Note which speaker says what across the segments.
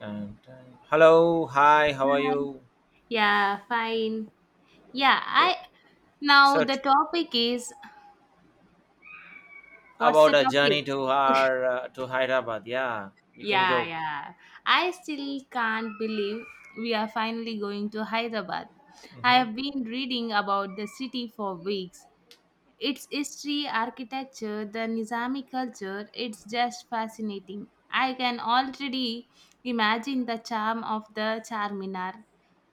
Speaker 1: Dun, dun. Hello, hi, how are
Speaker 2: Hi.
Speaker 1: you?
Speaker 2: Yeah, fine. Yeah,
Speaker 1: Yeah.
Speaker 2: I now
Speaker 1: So
Speaker 2: the
Speaker 1: t-
Speaker 2: topic is what's the
Speaker 1: about a
Speaker 2: topic?
Speaker 1: journey to our to Hyderabad. Yeah, we can
Speaker 2: Yeah,
Speaker 1: go.
Speaker 2: yeah. I still can't believe we are finally going to Hyderabad. I
Speaker 1: Hmm.
Speaker 2: have been reading about the city for weeks. Its history, architecture, the Nizami culture, it's just fascinating. I can already imagine the charm of the Charminar,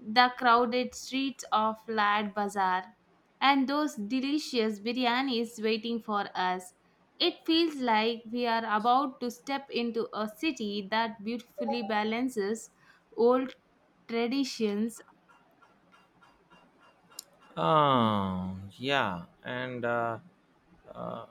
Speaker 2: the crowded streets of Lad Bazaar, and those delicious biryanis waiting for us. It feels like we are about to step into a city that beautifully balances old traditions
Speaker 1: Oh, yeah, and uh,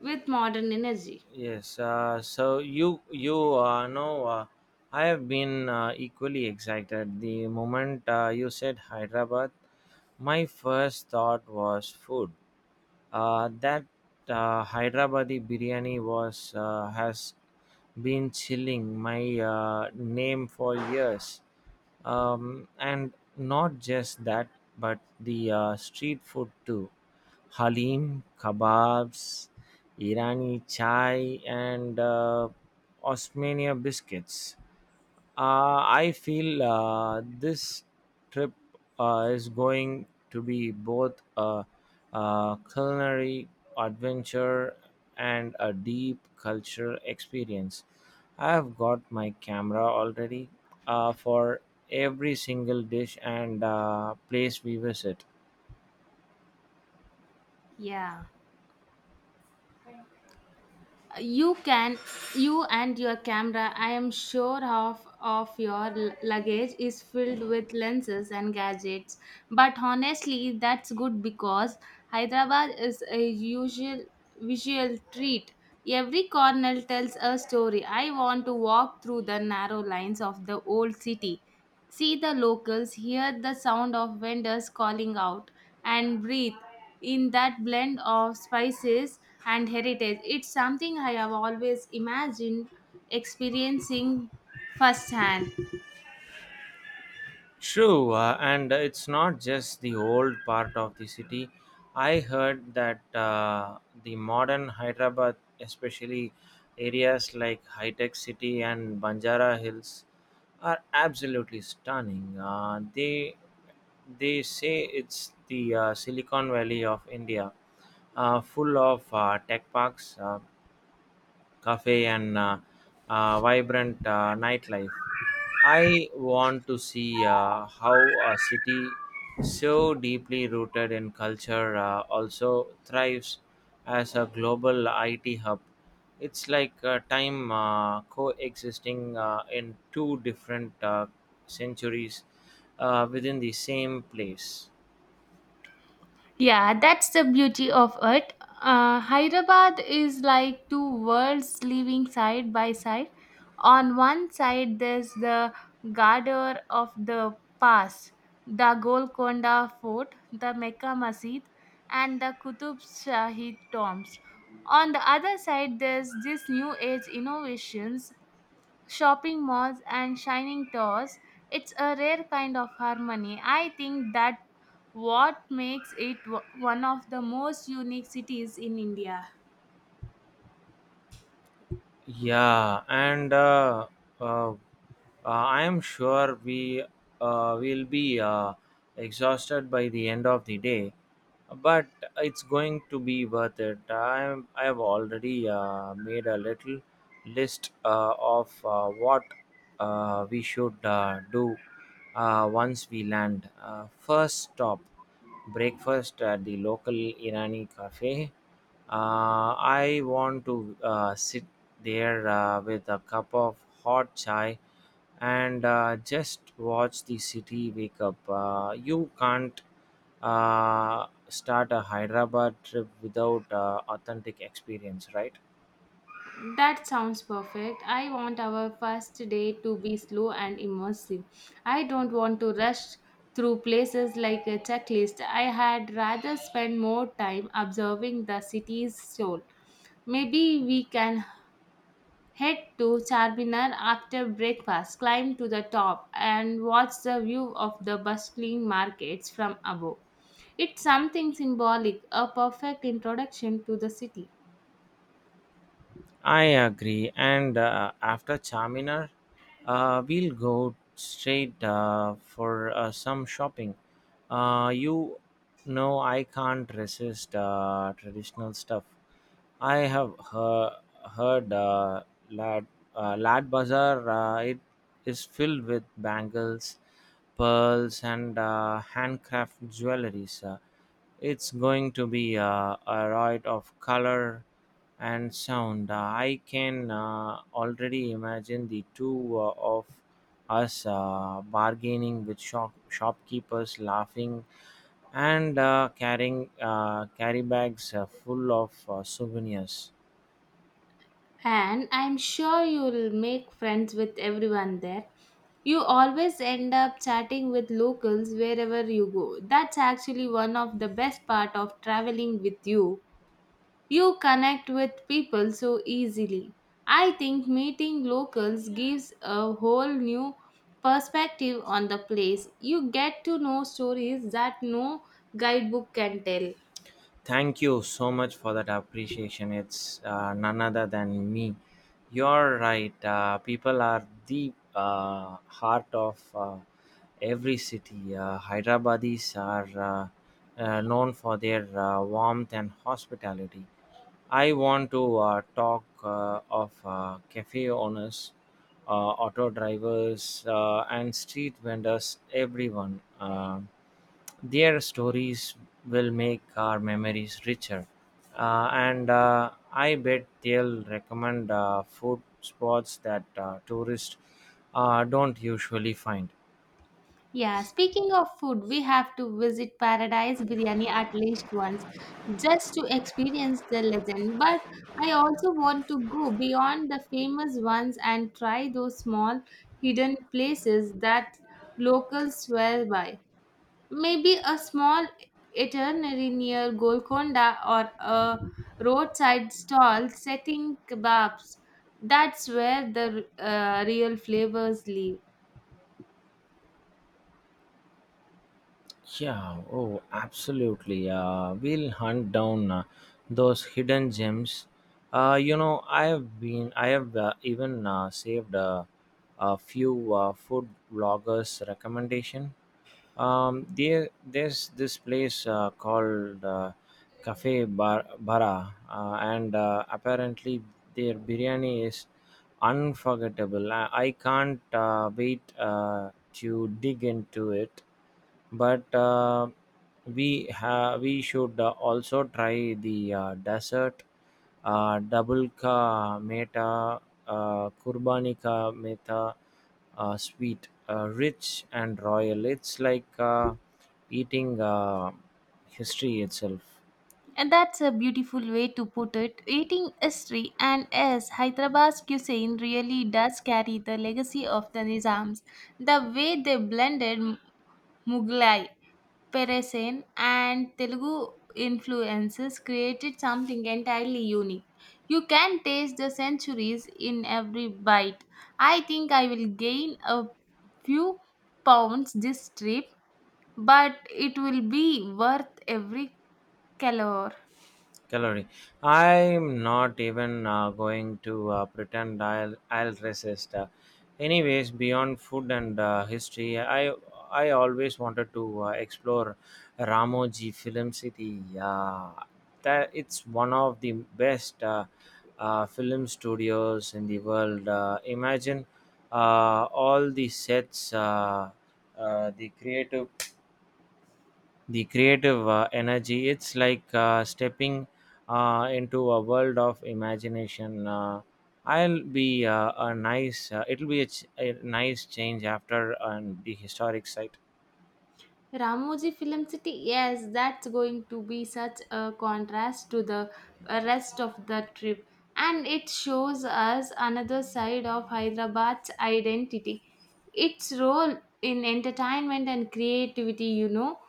Speaker 2: with modern energy.
Speaker 1: yes. I have been equally excited. The moment you said Hyderabad, my first thought was food. That Hyderabadi biryani was has been chilling my name for years, and not just that, but the street food too. Halim, kebabs, Irani chai, and Osmania biscuits. I feel this trip is going to be both a culinary adventure and a deep cultural experience. I have got my camera already for every single dish and place we visit.
Speaker 2: Yeah, you can. You and your camera, I am sure half of your luggage is filled with lenses and gadgets, but honestly that's good because Hyderabad is a usual visual treat. Every corner tells a story. I want to walk through the narrow lines of the old city. See the locals, hear the sound of vendors calling out, and breathe in that blend of spices and heritage. It's something I have always imagined experiencing firsthand.
Speaker 1: True, and it's not just the old part of the city. I heard that the modern Hyderabad, especially areas like High Tech City and Banjara Hills are absolutely stunning. They say it's the Silicon Valley of India, full of tech parks, cafe, and vibrant nightlife. I want to see how a city so deeply rooted in culture also thrives as a global IT hub. It's like time coexisting in two different centuries within the same place.
Speaker 2: Yeah, that's the beauty of it. Hyderabad is like two worlds living side by side. On one side, there's the Gardner of the Pass, the Golconda Fort, the Mecca Masjid, and the Qutub Shahid tombs. On the other side, there's this new age innovations, shopping malls and shining towers. It's a rare kind of harmony. I think that what makes it one of the most unique cities in India.
Speaker 1: Yeah, and uh, I am sure we will be exhausted by the end of the day, but it's going to be worth it. I have already made a little list of what we should do once we land. First stop, breakfast at the local Irani cafe. I want to sit there with a cup of hot chai and just watch the city wake up. You can't start a Hyderabad trip without authentic experience, right?
Speaker 2: That sounds perfect. I want our first day to be slow and immersive. I don't want to rush through places like a checklist. I had rather spend more time observing the city's soul. Maybe we can head to Charminar after breakfast, climb to the top, and watch the view of the bustling markets from above. It's something symbolic, a perfect introduction to the city.
Speaker 1: I agree. And after Charminar, we'll go straight for some shopping. You know, I can't resist traditional stuff. I have heard Lad, Lad Bazaar. It is filled with bangles, pearls, and handcraft jewelries. It's going to be a riot of color and sound. I can already imagine the two of us bargaining with shopkeepers, laughing and carry bags full of souvenirs.
Speaker 2: And I'm sure you'll make friends with everyone there. You always end up chatting with locals wherever you go. That's actually one of the best part of traveling with you. You connect with people so easily. I think meeting locals gives a whole new perspective on the place. You get to know stories that no guidebook can tell.
Speaker 1: Thank you so much for that appreciation. It's none other than me. You're right. People are the heart of every city. Hyderabadis are known for their warmth and hospitality. I want to talk of cafe owners, auto drivers, and street vendors, everyone. Their stories will make our memories richer. And I bet they'll recommend food spots that tourists don't usually find.
Speaker 2: Yeah, speaking of food, we have to visit Paradise Biryani at least once, just to experience the legend. But I also want to go beyond the famous ones and try those small hidden places that locals swear by. Maybe a small itinerary near Golconda or a roadside stall setting kebabs. That's where the real flavors live.
Speaker 1: Yeah, oh, absolutely. We'll hunt down those hidden gems. I have even saved a few food bloggers' recommendation. There's this place called Cafe Bara, and apparently their biryani is unforgettable. I can't wait to dig into it, but we should also try the dessert, double ka meta, kurbani meta, sweet, rich and royal. It's like eating history itself.
Speaker 2: And that's a beautiful way to put it. Eating history, and as Hyderabad's cuisine really does carry the legacy of the Nizams, the way they blended Mughlai, Peresin and Telugu influences created something entirely unique. You can taste the centuries in every bite. I think I will gain a few pounds this trip, but it will be worth every calorie.
Speaker 1: Calorie, I'm not even going to pretend I'll resist anyways. Beyond food and history, i I always wanted to explore Ramoji Film City. Uh, that it's one of the best film studios in the world. Uh, imagine all the sets, uh, the creative the creative energy. It's like stepping into a world of imagination. I'll be a nice. It'll be a nice change after the historic site.
Speaker 2: Ramoji Film City, yes, that's going to be such a contrast to the rest of the trip. And it shows us another side of Hyderabad's identity. Its role in entertainment and creativity, you know.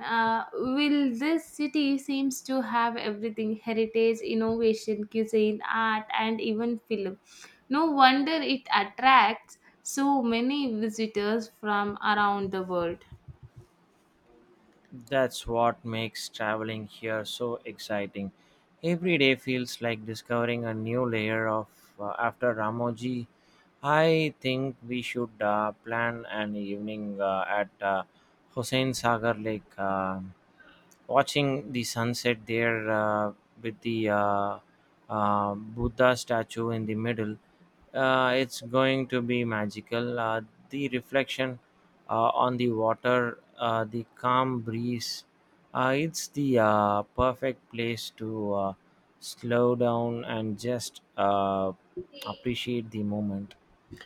Speaker 2: Will this city seems to have everything: heritage, innovation, cuisine, art, and even film. No wonder it attracts so many visitors from around the world.
Speaker 1: That's what makes traveling here so exciting. Every day feels like discovering a new layer of after Ramoji. I think we should plan an evening at Hussein Sagar Lake. Watching the sunset there with the Buddha statue in the middle. It's going to be magical. The reflection on the water, the calm breeze. It's the perfect place to slow down and just appreciate the moment.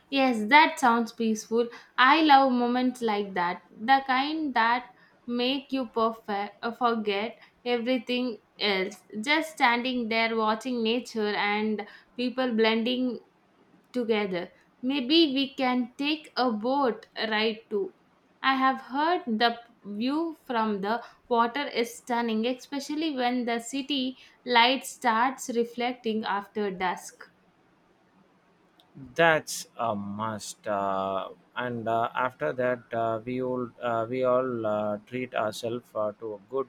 Speaker 2: Yes, that sounds peaceful. I love moments like that. The kind that make you perfect, forget everything else. Just standing there watching nature and people blending together. Maybe we can take a boat ride too. I have heard the view from the water is stunning, especially when the city light starts reflecting after dusk.
Speaker 1: That's a must. And after that, we all treat ourselves to a good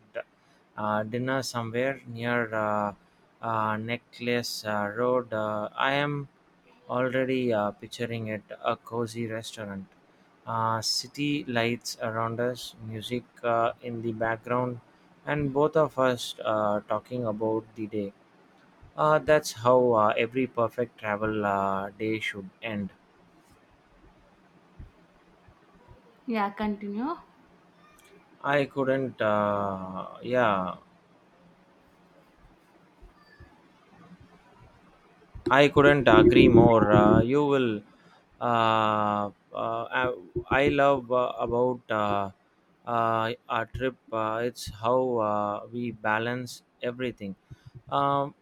Speaker 1: dinner somewhere near Necklace Road. I am already picturing it, a cozy restaurant. City lights around us, music in the background, and both of us talking about the day. That's how every perfect travel day should end.
Speaker 2: Yeah, continue.
Speaker 1: I couldn't, uh, yeah, I couldn't agree more. You will, uh, uh, I I love about our trip. It's how we balance everything. Um,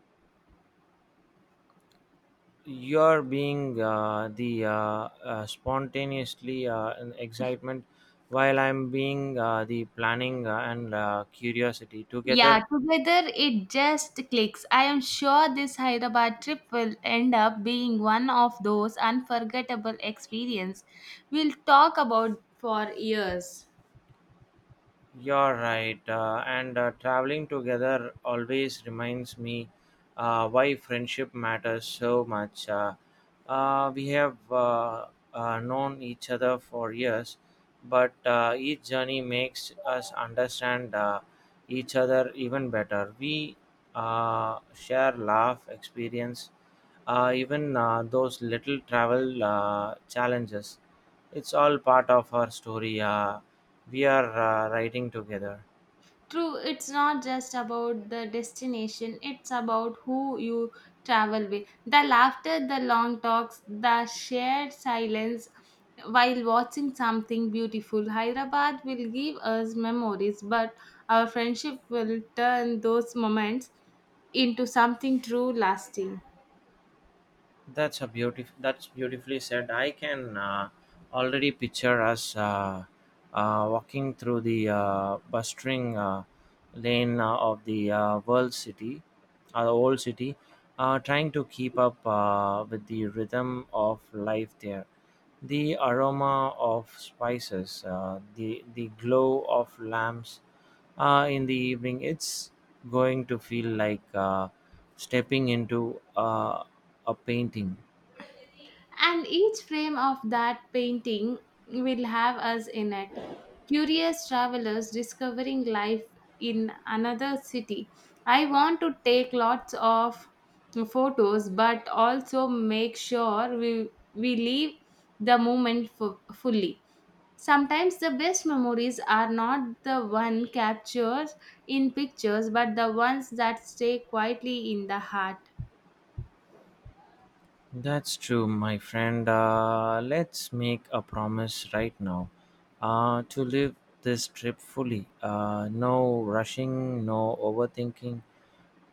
Speaker 1: you're being the spontaneously in excitement, while I'm being the planning and curiosity
Speaker 2: Yeah,
Speaker 1: together.
Speaker 2: together it just clicks. I am sure this Hyderabad trip will end up being one of those unforgettable experiences we'll talk about for years.
Speaker 1: You're right. And traveling together always reminds me why friendship matters so much. We have known each other for years, but each journey makes us understand each other even better. We share laugh, experience, even those little travel challenges. It's all part of our story. We are writing together.
Speaker 2: True, it's not just about the destination, it's about who you travel with. The laughter, the long talks, the shared silence while watching something beautiful. Hyderabad will give us memories, but our friendship will turn those moments into something true lasting.
Speaker 1: That's a beautiful. That's beautifully said. I can already picture us walking through the bustling lane of the the old city, trying to keep up with the rhythm of life there. The aroma of spices, the glow of lamps in the evening, it's going to feel like stepping into a painting.
Speaker 2: And each frame of that painting will have us in it. Curious travelers discovering life in another city. I want to take lots of photos, but also make sure we leave the moment fully. Sometimes the best memories are not the one captured in pictures, but the ones that stay quietly in the heart.
Speaker 1: That's true, my friend. Let's make a promise right now to live this trip fully. No rushing, no overthinking,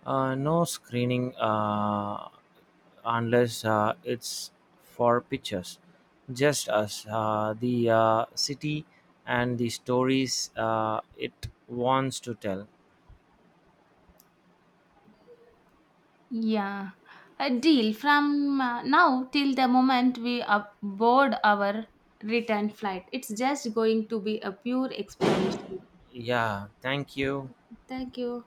Speaker 1: no screening unless it's for pictures. Just us, the city, and the stories it wants to tell.
Speaker 2: Yeah, a deal from now till the moment we board our return flight. It's just going to be a pure exploration.
Speaker 1: Yeah, thank you.
Speaker 2: Thank you.